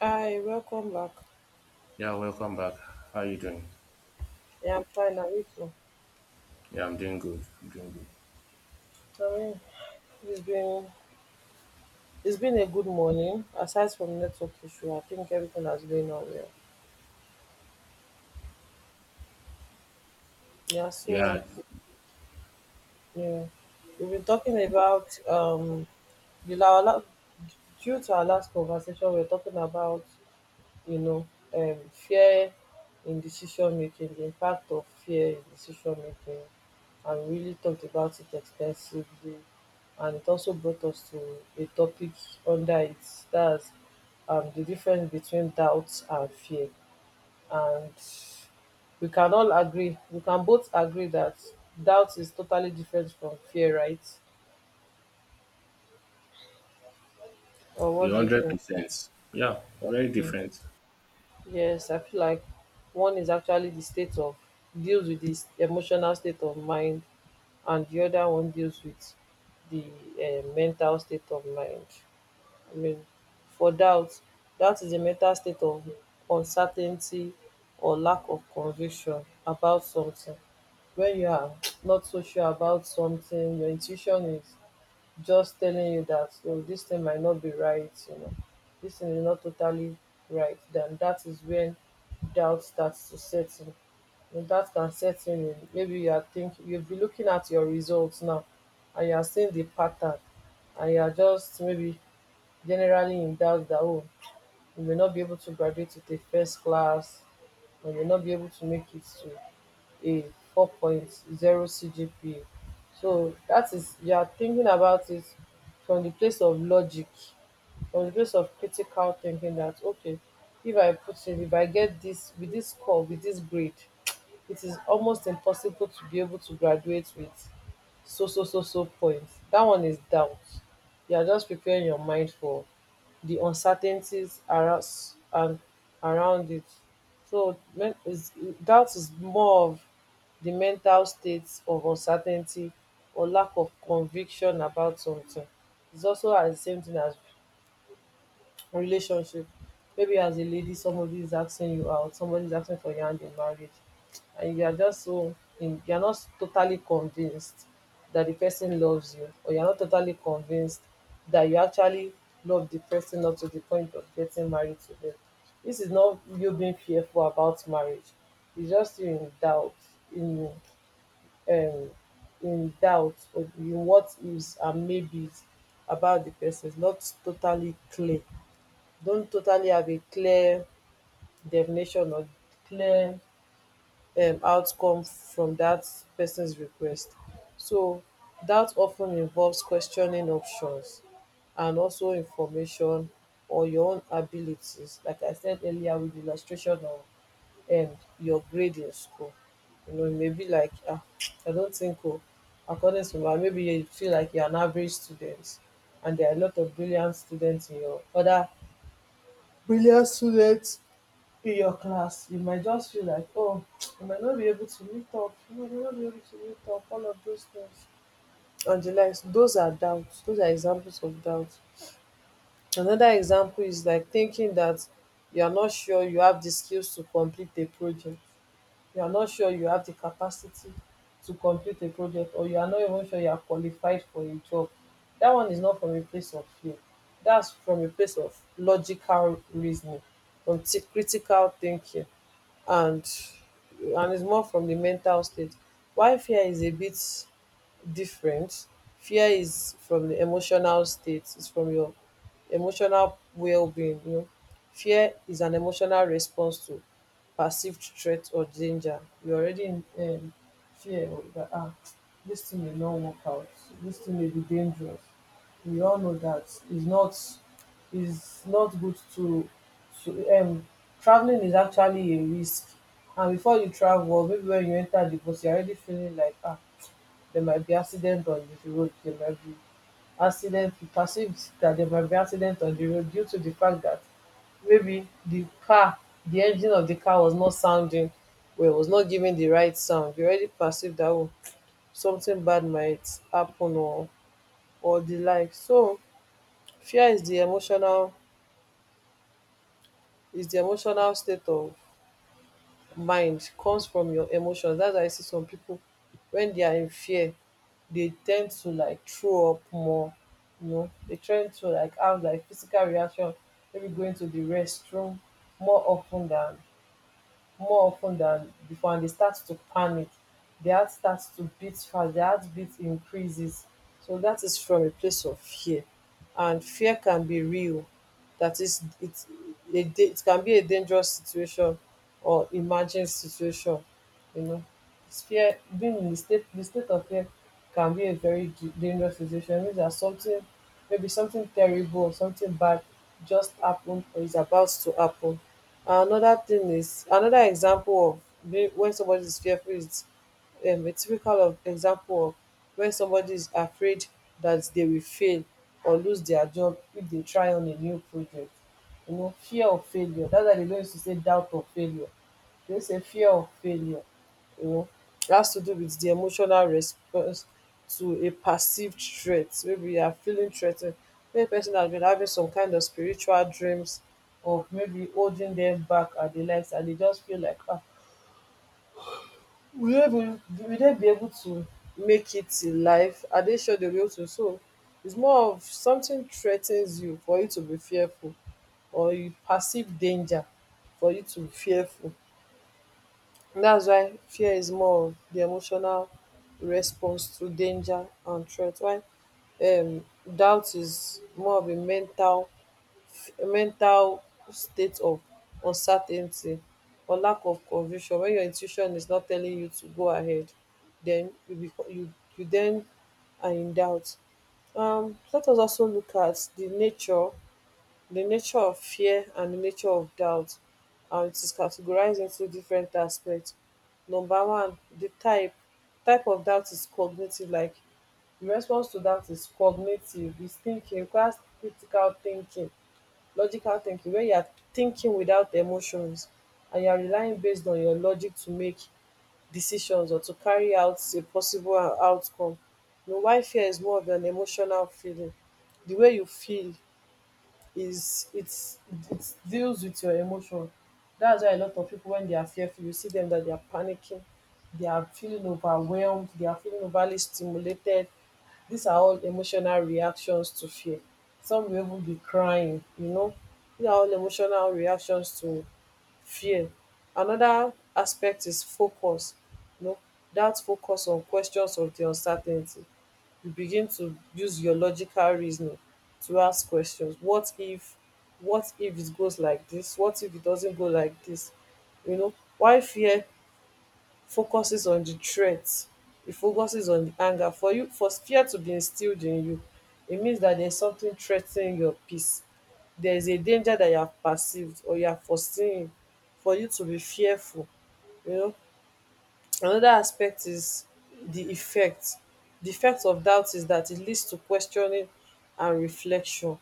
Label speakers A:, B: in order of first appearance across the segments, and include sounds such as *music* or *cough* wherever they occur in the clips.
A: Hi, welcome back.
B: Yeah, welcome back. How you doing?
A: Yeah, I'm fine. And you too?
B: Yeah, I'm doing good. I'm doing good.
A: Tell me, it's been it's been a good morning. Aside from network issue, I think everything has been on well. Yeah, so
B: Yeah,
A: yeah, we've been talking about the la- la- due to our last conversation, we are talking about you know fear in decision making, the impact of fear in decision making. And we really talked about it extensively. And it also brought us to a topic under it that's the difference between doubt and fear. And we can both agree that doubt is totally different from fear, right? Or
B: a
A: what do you
B: hundred
A: think?
B: percent. Yeah, very different.
A: Yes, I feel like one is actually the state of deals with this emotional state of mind, and the other one deals with the mental state of mind. I mean, for doubt doubt is a mental state of uncertainty or lack of conviction about something. When you are not so sure about something, your intuition is just telling you that, oh, this thing might not be right, you know, this thing is not totally right, then that is when doubt starts to set in. And that can set in maybe you are thinking you'll be looking at your results now, and you are seeing the pattern, and you are just maybe generally in doubt that, oh, you may not be able to graduate with a first class, or you may not be able to make it to a four point zero CGPA. So that is you are thinking about it from the place of logic, from the place of critical thinking, that okay, if I get this with this score, with this grade, it is almost impossible to be able to graduate with so so so so points. That one is doubt. You are just preparing your mind for the uncertainties around and around it So men is doubt is more of the mental state of uncertainty or lack of conviction about something. It's also at the same thing as relationship. Maybe as a lady, somebody is asking you out, somebody is asking for your hand in marriage, and you are just so you're not totally convinced that the person loves you, or you're not totally convinced that you actually love the person up to the point of getting married to them. This is not you being fearful about marriage, it's just you in doubt, in um in doubt or in what is and maybes about the person. It's not totally clear, don't totally have a clear definition or clear outcome from that person's request. So that often involves questioning options and also information or your own abilities. Like I said earlier, with the illustration of your grading score, you know, maybe like, ah, I don't think, oh, according to my, maybe you feel like you're an average student, and there are a lot of brilliant students in your class, you might just feel like, oh, *tsk* you might not be able to meet up, all of those things. And the likes, those are doubts, those are examples of doubts. Another example is like thinking that you are not sure you have the skills to complete a project, you are not sure you have the capacity to complete a project, or you are not even sure you are qualified for a job. That one is not from a place of fear, that's from a place of logical reasoning, from critical thinking, and and it's more from the mental state. Why fear is a bit different, fear is from the emotional state, it's from your emotional well-being, you know. Fear is an emotional response to perceived threat or danger. You're already in fear that, ah, this thing may not work out, this thing may be dangerous. We all know that is not is not good to to um traveling is actually a risk, and before you travel or maybe when you enter the bus, you're already feeling like, ah, there might be accident. You perceive that there might be accident on the road due to the fact that maybe the engine of the car was not sounding well, was not giving the right sound. You already perceive that, oh, something bad might happen, or the like. So fear is the emotional state of mind, comes from your emotions. That's why I see some people when they are in fear, they tend to like throw up more. You know, they tend to like have like physical reaction, maybe going to the restroom more often than more often than before, and they start to panic, their heart starts to beat fast, their heartbeat increases. So that is from a place of fear. And fear can be real, that is, it can be a dangerous situation or emergent situation, you know. It's fear. Being in the state of fear can be a very dangerous situation. It means that something, maybe something terrible or something bad just happened or is about to happen. Another thing is, another example of being when somebody is fearful is, a typical of example of when somebody is afraid that they will fail or lose their job if they try on a new project. You know, fear of failure. That's why they don't used to say doubt of failure. There's a fear of failure, you know, it has to do with the emotional response to a perceived threat. Maybe you are feeling threatened. Ten ed, maybe person has been having some kind of spiritual dreams of maybe holding them back at the likes, and they just feel like, ah, will they be able to make it in life? Are they sure they will be to? So it's more of something threatens you for you to be fearful, or you perceive danger for you to be fearful. That's why fear is more of the emotional response to danger and threat, while um, doubt is more of a mental state of uncertainty or lack of conviction. When your intuition is not telling you to go ahead, then you become you you then are in doubt. Let us also look at the nature of fear and the nature of doubt, and it is categorized into different aspects. Number one, the type. Type of doubt is cognitive, like the response to doubt is cognitive, it's thinking, requires critical thinking, logical thinking, where you are thinking without emotions, and you are relying based on your logic to make decisions or to carry out a possible outcome. You know, why fear is more of an emotional feeling. The way you feel is it's it deals with your emotion. That's why a lot of people when they are fearful, you see them that they are panicking, they are feeling overwhelmed, they are feeling overly stimulated. These are all emotional reactions to fear. Some will even be crying, you know. These are all emotional reactions to fear. Another aspect is focus, you know, that focus on questions of the uncertainty. You begin to use your logical reasoning to ask questions, what if, what if it goes like this what if it doesn't go like this, you know. Why fear focuses on the threat, it focuses on the anger. For you, for fear to be instilled in you, it means that there's something threatening your peace, there is a danger that you have perceived or you are foreseeing for you to be fearful, you know. Another aspect is the effect. The effect of doubt is that it leads to questioning and reflection.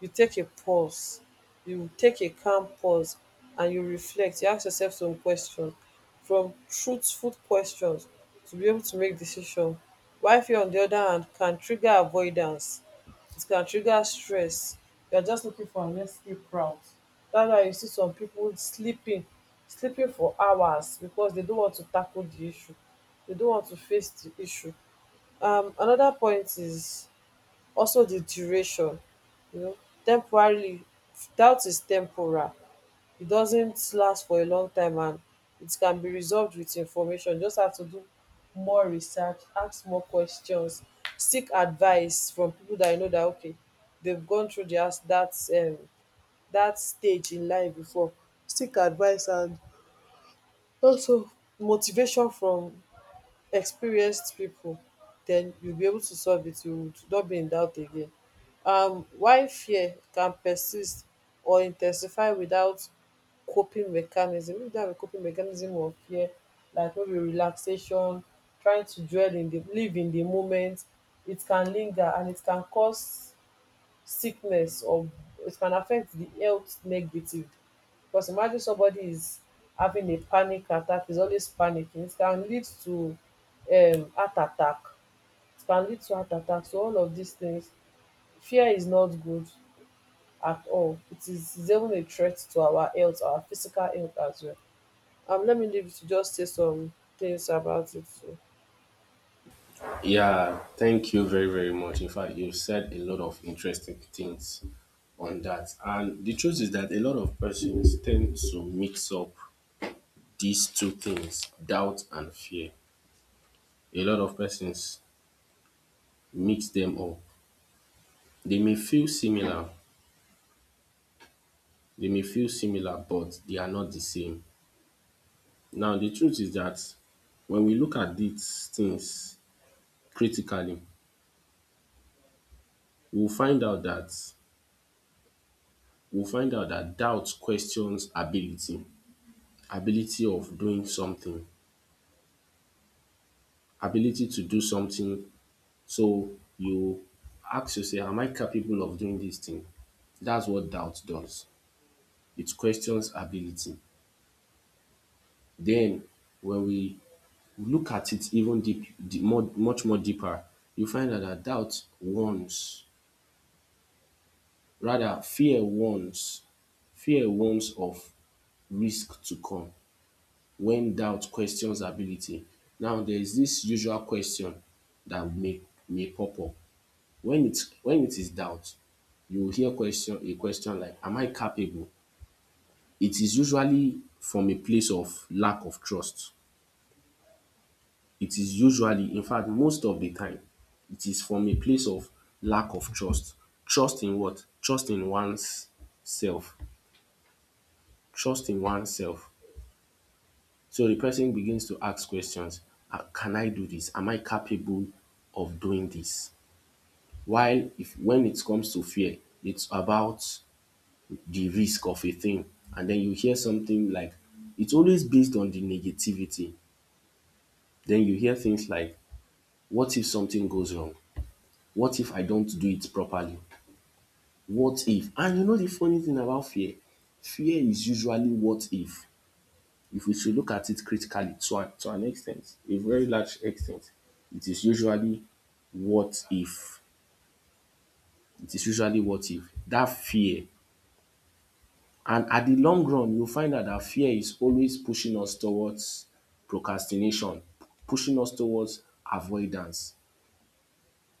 A: You take a pause, you take a calm pause, and you reflect. You ask yourself some questions, from truthful questions to be able to make decision. While fear on the other hand can trigger avoidance, it can trigger stress. You are just looking for an escape route. That's why you see some people sleeping for hours because they don't want to tackle the issue, they don't want to face the issue. Another point is also the duration, you know. Temporarily, doubt is temporal. It doesn't last for a long time, and it can be resolved with information. You just have to do more research, ask more questions, seek advice from people that you know that, okay, they've gone through the that that stage in life before. Seek advice, and also motivation from experienced people, then you will be able to solve it, you would not be in doubt again. Why fear can persist or intensify without coping mechanism, if you don't have a coping mechanism of fear like maybe relaxation, trying to dwell in the moment, it can linger and it can cause sickness, or it can affect the health negatively. Because imagine somebody is having a panic attack, is always panicking, it can lead to heart attack. It can lead to heart attack. So all of these things, fear is not good at all. It's even a threat to our health, our physical health as well. Let me leave you to just say some things about it too.
B: Yeah, thank you very very much. In fact, you said a lot of interesting things on that, and the truth is that a lot of persons tend to mix up these two things, doubt and fear. A lot of persons mix them up. They may feel similar. They may feel similar, but they are not the same. Now the truth is that when we look at these things critically, we will find out that we will find out that doubt questions ability. Ability of doing something, ability to do something, so you ask yourself, am I capable of doing this thing? That's what doubt does. It questions ability. Then when we look at it even deep deep more much more deeper, you find out dat doubt warns. Rather, fear warns of risk to come, when doubt questions ability. Now there is this usual question that may pop up. When it is doubt, you will hear question a question like, am I capable? It is usually from a place of lack of trust. It is usually, in fact most of the time, it is from a place of lack of trust. Trust in what? Trust in one's self. Trust in one's self. So the person begins to ask questions. "Ah, can I do this? Am I capable of doing this?" While if when it comes to fear, it's about the risk of a thing. And then you hear something like, it's always based on the negativity. Then you hear things like, what if something goes wrong? What if I don't do it properly? What if? And you know the funny thing about fear? Fear is usually what if. If we should look at it critically, to an extent, a very large extent, it is usually what if. It is usually what if. That fear, and at the long run you find that that fear is always pushing us towards procrastination, pushing us towards avoidance.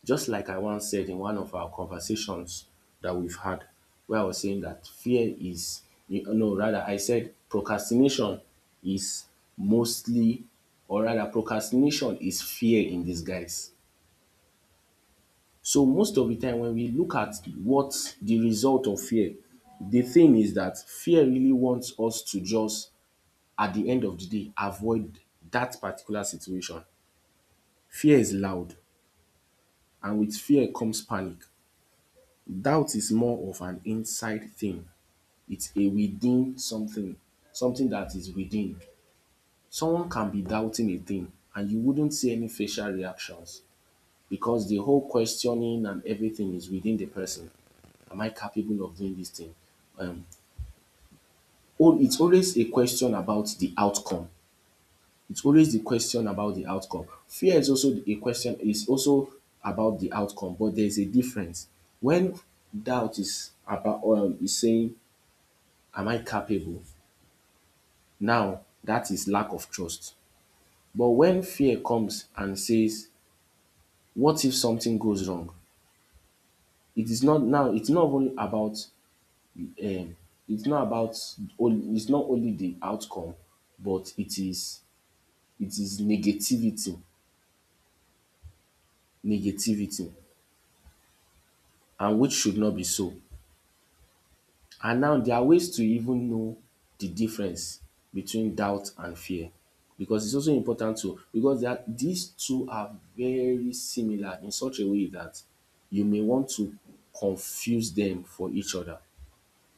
B: Just like I once said in one of our conversations that we've had, where I was saying that fear is, no, rather, I said procrastination is mostly, or rather, procrastination is fear in disguise. So most of the time, when we look at what the result of fear, the thing is that fear really wants us to just, at the end of the day, avoid that particular situation. Fear is loud, and with fear comes panic. Doubt is more of an inside thing. It's a within something, something that is within. Someone can be doubting a thing and you wouldn't see any facial reactions, because the whole questioning and everything is within the person. Am I capable of doing this thing? Um, oh, it's always a question about the outcome. It's always the question about the outcome. Fear is also a question, is also about the outcome, but there's a difference. When doubt is about, is saying, am I capable? Now that is lack of trust. But when fear comes and says, what if something goes wrong? It is not now, it's not only about, um it's not about it's not only the outcome, but it is negativity, negativity, and which should not be so. And now there are ways to even know the difference between doubt and fear, because it's also important to, because there are, these two are very similar in such a way that you may want to confuse them for each other.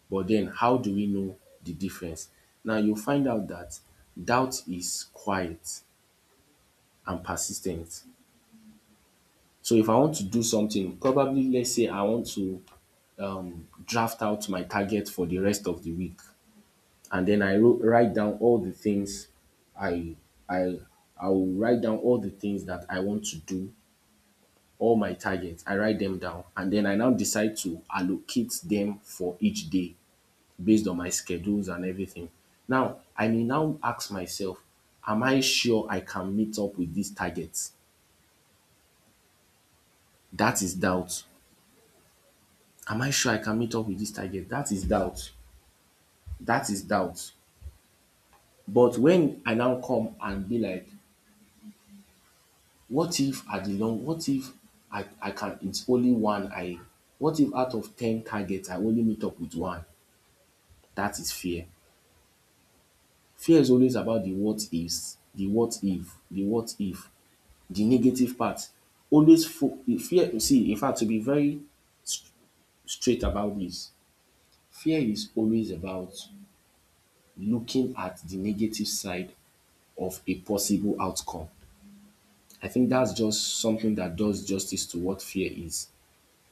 B: But then how do we know the difference? Now you find out that doubt is quiet and persistent. So if I want to do something, probably let's say I want to draft out my target for the rest of the week, and then I write down all the things I I I will write down all the things that I want to do, all my targets. I write them down, and then I now decide to allocate them for each day based on my schedules and everything. Now I may now ask myself, am I sure I can meet up with these targets? That is doubt. Am I sure I can meet up with this target? That is doubt. That is doubt. But when I now come and be like, What if at the long what if I I can it's only one I what if out of ten targets I only meet up with one? That is fear. Fear is always about the what ifs, the what if, the what if, the negative part. Always fo fear see in fact, to be very straight about this, fear is always about looking at the negative side of a possible outcome. I think that's just something that does justice to what fear is.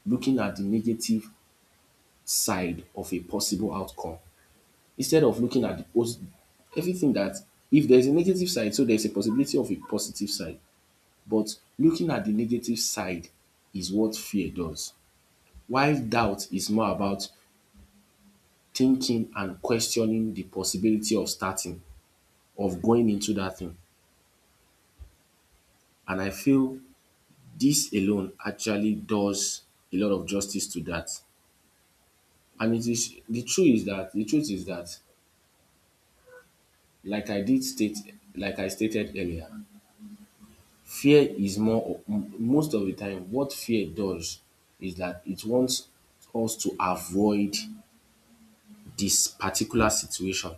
B: Looking at the negative side of a possible outcome, instead of looking at the pos everything that, if there's a negative side, so there's a possibility of a positive side, but looking at the negative side is what fear does, while doubt is more about thinking and questioning the possibility of starting of going into that thing. And I feel this alone actually does a lot of justice to that. And it is, the truth is that like I did state like I stated earlier, Fear is more most of the time, what fear does is that it wants us to avoid this particular situation,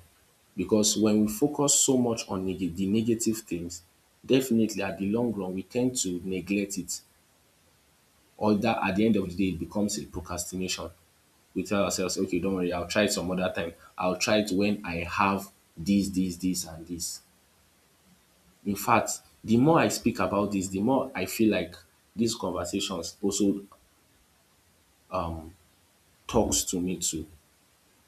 B: because when we focus so much on nega the negative things, definitely at the long run we tend to neglect it, or that at the end of the day it becomes a procrastination. We tell ourselves, okay, don't worry, I'll try it some other time. I'll try it when I have this, this, this, and this. In fact, the more I speak about this, the more I feel like these conversations also talks to me too.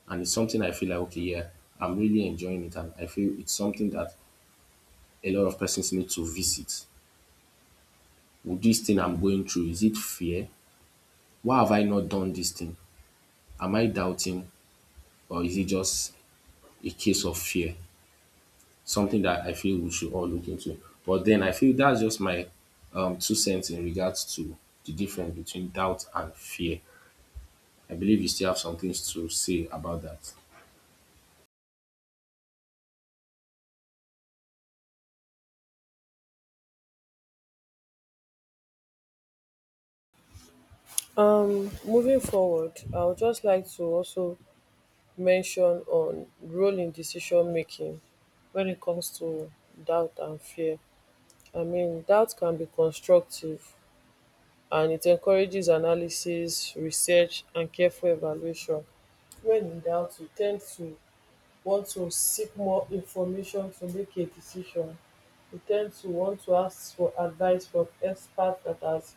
B: And it's something I feel like, okay, yeah, I'm really enjoying it. And I feel it's something that a lot of persons need to visit. With this thing I'm going through, is it fear? Why have I not done this thing? Am I doubting? Or is it just a case of fear? Something that I feel we should all look into. But then I feel that's just my two cents in regards to the difference between doubt and fear. I believe you still have some things to say about that.
A: Moving forward, I would just like to also mention on role in decision making when it comes to doubt and fear. I mean, doubt can be constructive and it encourages analysis, research, and careful evaluation. When in doubt, you tend to want to seek more information to make a decision. You tend to want to ask for advice from experts that has,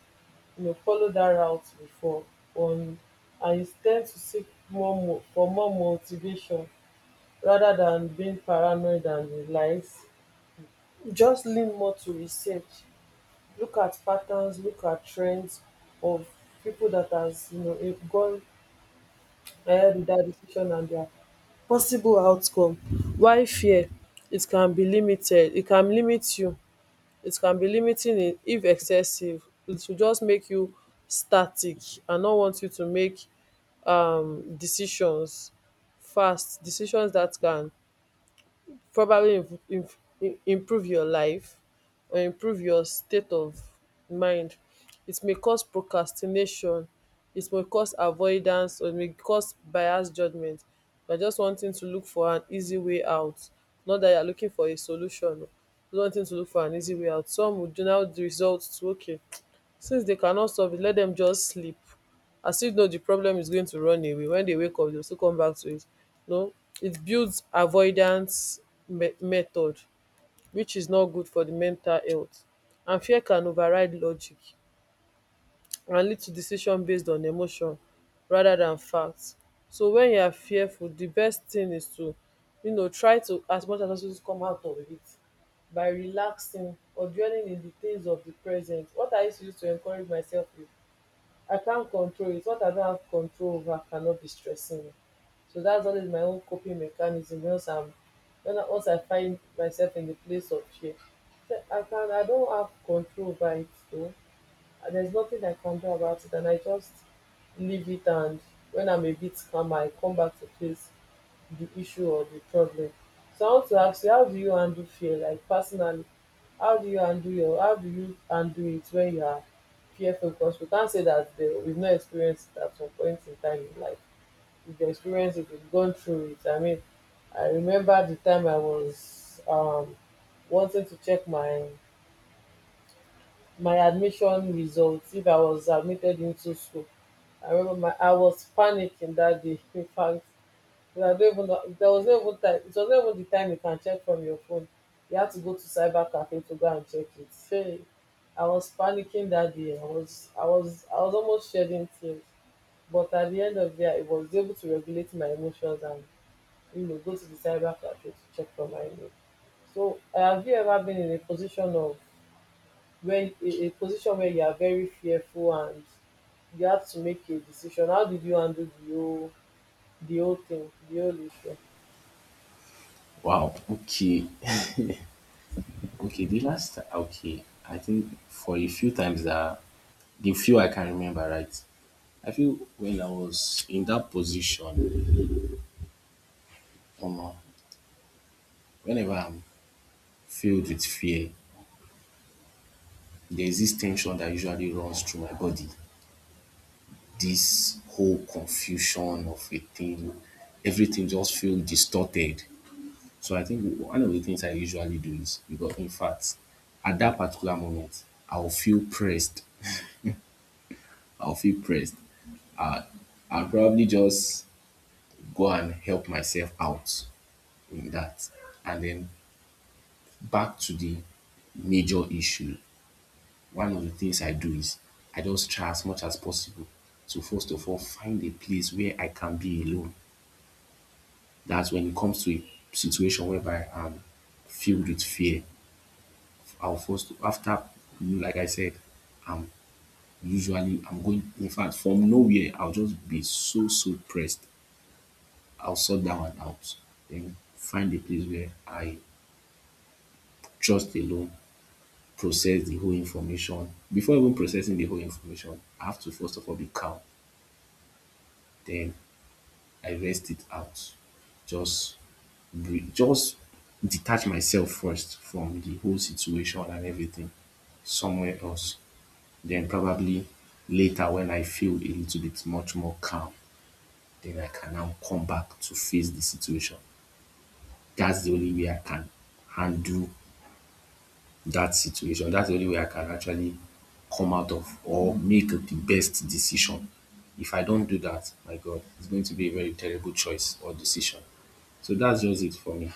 A: you know, followed that route before, on, and you tend to seek more for more motivation rather than being paranoid and relies. Just lean more to research, look at patterns, look at trends of people that has, you know, gone ahead with that decision and their possible outcome. Why fear? It can be limited. It can limit you. It can be limiting if excessive. It will just make you static and not want you to make decisions fast. Decisions that can probably improve your life or improve your state of mind. It may cause procrastination, it may cause avoidance, or it may cause biased judgment. You're just wanting to look for an easy way out, not that you're looking for a solution. You're wanting to look for an easy way out. Some would now result to, okay, since they cannot solve it, let them just sleep as if no, the problem is going to run away when they wake up. They'll still come back to it. No, it builds avoidance method, which is not good for the mental health. And fear can override logic and lead to decision based on emotion rather than facts. So when you are fearful, the best thing is to, you know, try to as much as possible to come out of it by relaxing or dwelling in the things of the present. What I used to use to encourage myself with: I can't control it. What I don't have control over cannot be stressing me. So that's always my own coping mechanism. Once I find myself in the place of fear, so I can, I don't have control over it though. There's nothing I can do about it, and I just leave it. And when I'm a bit calmer, I come back to face the issue or the problem. So I want to ask you, how do you handle fear, like, personally? How do you handle it when you are fearful? Because we can't say that the, we've not experienced it at some point in time in life. We've experienced it, we've gone through it. I mean, I remember the time I was wanting to check my admission results if I was admitted into school. I remember my I was panicking that day. *laughs* In fact, because I don't even know, there was no even time. It was not even the time you can check from your phone. You had to go to cyber cafe to go and check it. Hey, I was panicking that day. I was almost shedding tears. But at the end of the day, I was able to regulate my emotions and, you know, go to the cyber cafe to check for my name. So, have you ever been in a position of when a position where you are very fearful and you have to make a decision? How did you handle the whole thing, the whole issue?
B: Wow. Okay. Okay. The last okay, I think for a few times that the few I can remember, right? I feel when I was in that position, um, whenever I'm filled with fear, there's this tension that usually runs through my body. This whole confusion of a thing, everything just feels distorted. So I think one of the things I usually do is, because in fact, at that particular moment, I'll feel pressed. I'll feel pressed. I'll probably just go and help myself out in that. And then back to the major issue. One of the things I do is I just try as much as possible to first of all find a place where I can be alone. That's when it comes to a situation whereby I'm filled with fear. I'll first, after like I said, I'm usually, I'm going, in fact, from nowhere, I'll just be so, so pressed. I'll sort that one out, then find a place where I just alone process the whole information. Before even processing the whole information, I have to first of all be calm. Then I rest it out. Just breathe, just detach myself first from the whole situation and everything somewhere else. Then probably later when I feel a little bit much more calm, then I can now come back to face the situation. That's the only way I can handle that situation. That's the only way I can actually come out of or make the best decision. If I don't do that, my God, it's going to be a very terrible choice or decision. So that's just it for me.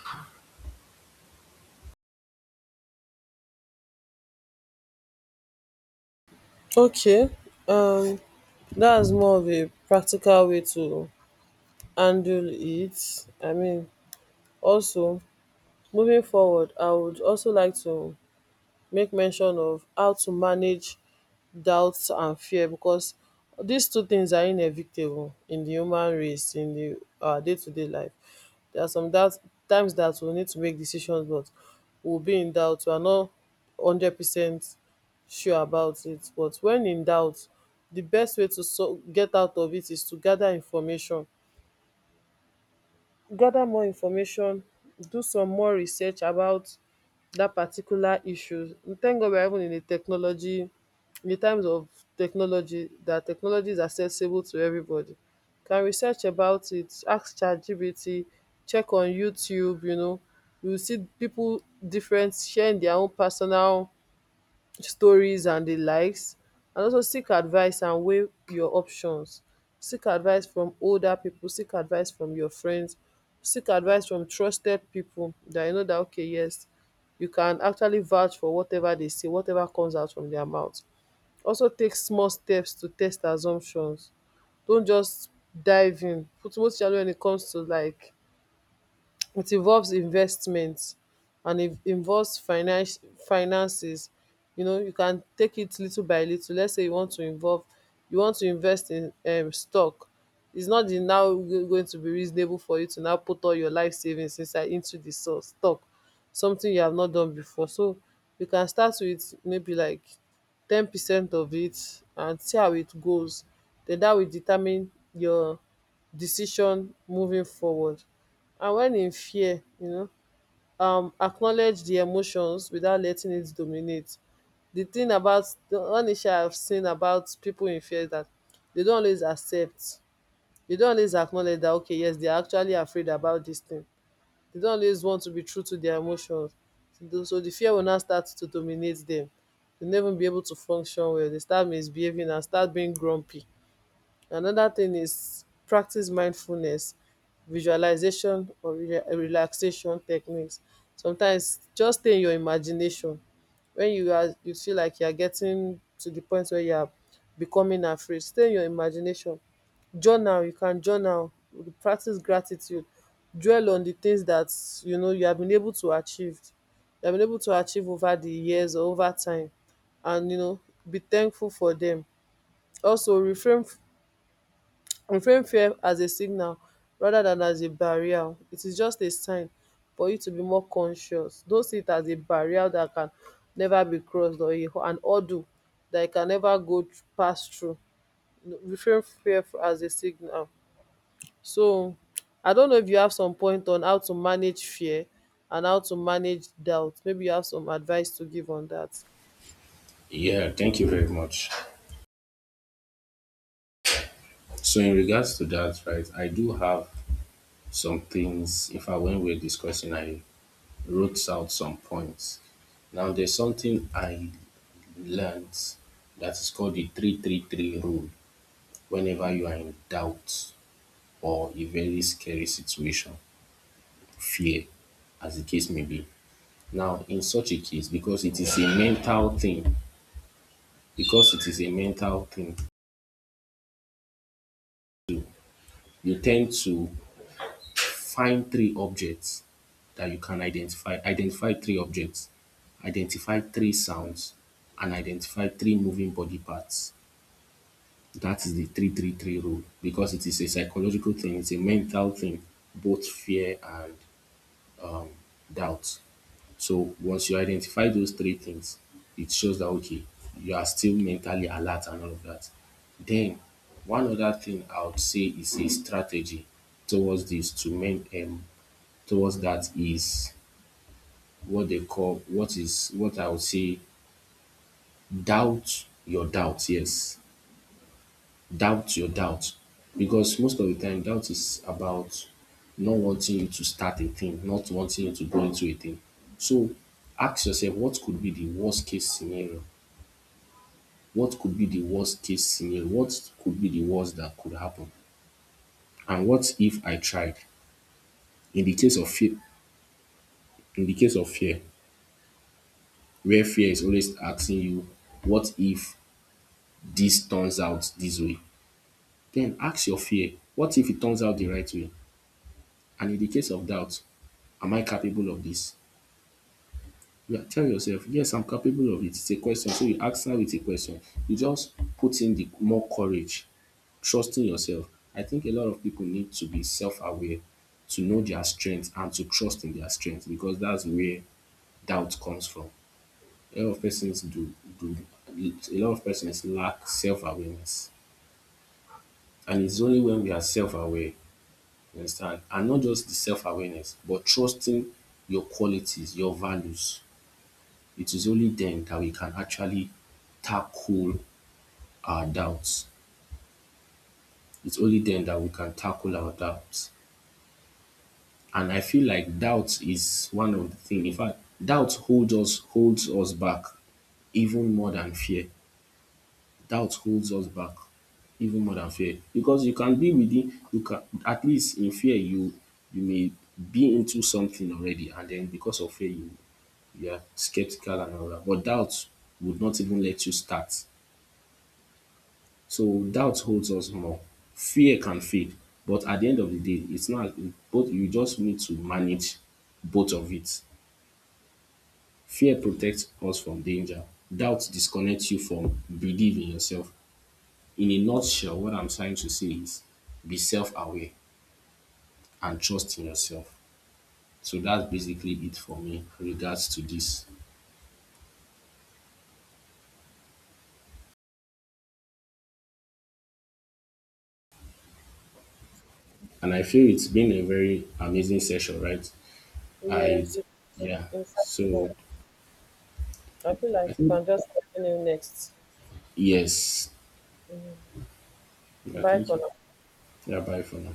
A: Okay, um, that's more of a practical way to handle it. I mean, also moving forward, I would also like to make mention of how to manage doubts and fear, because these two things are inevitable in the human race, in the our day to day life. There are some doubt times that we need to make decisions, but we'll be in doubt, we are not 100% sure about it. But when in doubt, the best way to so get out of it is to gather information, gather more information, do some more research about that particular issue. Thank God we're even in a technology, in the times of technology, that technology is accessible to everybody. Can research about it, ask ChatGPT, check on YouTube, you know, you will see people different sharing their own personal stories and the likes. And also seek advice and weigh your options, seek advice from older people, seek advice from your friends, seek advice from trusted people that you know that, okay, yes, you can actually vouch for whatever they say, whatever comes out from their mouth. Also take small steps to test assumptions, don't just dive in. Put most challenge when it comes to like it involves investment and it involves finance, finances, you know, you can take it little by little. Let's say you want to involve, you want to invest in stock, it's not the now going to be reasonable for you to now put all your life savings inside into the stock, something you have not done before. So you can start with maybe like 10% of it and see how it goes, then that will determine your decision moving forward. And when in fear, you know, acknowledge the emotions without letting it dominate. The thing about the one issue I have seen about people in fear is that they don't always accept, they don't always acknowledge that, okay, yes, they are actually afraid about this thing. They don't always want to be true to their emotions, so the fear will now start to dominate them. They'll never be able to function well. They start misbehaving and start being grumpy. Another thing is practice mindfulness, visualization, or relaxation techniques. Sometimes just stay in your imagination. When you are you feel like you are getting to the point where you are becoming afraid, stay in your imagination. Journal, you can journal, practice gratitude, dwell on the things that, you know, you have been able to achieve. You have been able to achieve over the years or over time, and, you know, be thankful for them. Also refrain reframe fear as a signal rather than as a barrier. It is just a sign for you to be more conscious. Don't see it as a barrier that can never be crossed, or a, an hurdle that you can never pass through. Reframe fear as a signal. So I don't know if you have some point on how to manage fear and how to manage doubt, maybe you have some advice to give on that.
B: Yeah, thank you very much. So in regards to that, right, I do have some things. If I When we're discussing, I wrote out some points. Now there's something I learnt that is called the 333 rule. Whenever you are in doubt or a very scary situation, fear, as the case may be. Now, in such a case, because it is a mental thing, because it is a mental thing, you tend to find three objects that you can identify. Identify three objects, identify three sounds, and identify three moving body parts. That is the 333 rule, because it is a psychological thing, it's a mental thing, both fear and doubt. So once you identify those three things, it shows that okay, you are still mentally alert and all of that. Then one other thing I would say is a strategy towards this to men towards that is what they call what is what I would say, doubt your doubt. Yes, doubt your doubt, because most of the time doubt is about not wanting you to start a thing, not wanting you to go into a thing. So ask yourself, what could be the worst case scenario? What could be the worst case scenario? What could be the worst that could happen? And what if I tried? In the case of fear, in the case of fear, where fear is always asking you, what if this turns out this way? Then ask your fear, what if it turns out the right way? And in the case of doubt, am I capable of this? Yeah, tell yourself, yes, I'm capable of it. It's a question. So you ask her with a question. You just put in the more courage, trusting yourself. I think a lot of people need to be self aware, to know their strength and to trust in their strength, because that's where doubt comes from. A lot of persons do, do a lot of persons lack self awareness. And it's only when we are self aware. You understand? And not just the self-awareness, but trusting your qualities, your values. It is only then that we can actually tackle our doubts. It's only then that we can tackle our doubts. And I feel like doubt is one of the things. In fact, doubt holds us back even more than fear. Doubt holds us back even more than fear. Because you can at least, in fear, you may be into something already, and then because of fear you are skeptical and all that. But doubt would not even let you start. So doubt holds us more. Fear can fade, but at the end of the day, it's not both, you just need to manage both of it. Fear protects us from danger. Doubt disconnects you from believing yourself. In a nutshell, what I'm trying to say is be self-aware and trust in yourself. So that's basically it for me regards to this. And I feel it's been a very amazing session, right? I,
A: Yes, it's
B: yeah.
A: insightful.
B: So
A: I feel like
B: I
A: you
B: think
A: can just continue next.
B: yes. Yeah,
A: Bye for
B: thank you.
A: now.
B: Yeah. Bye for now.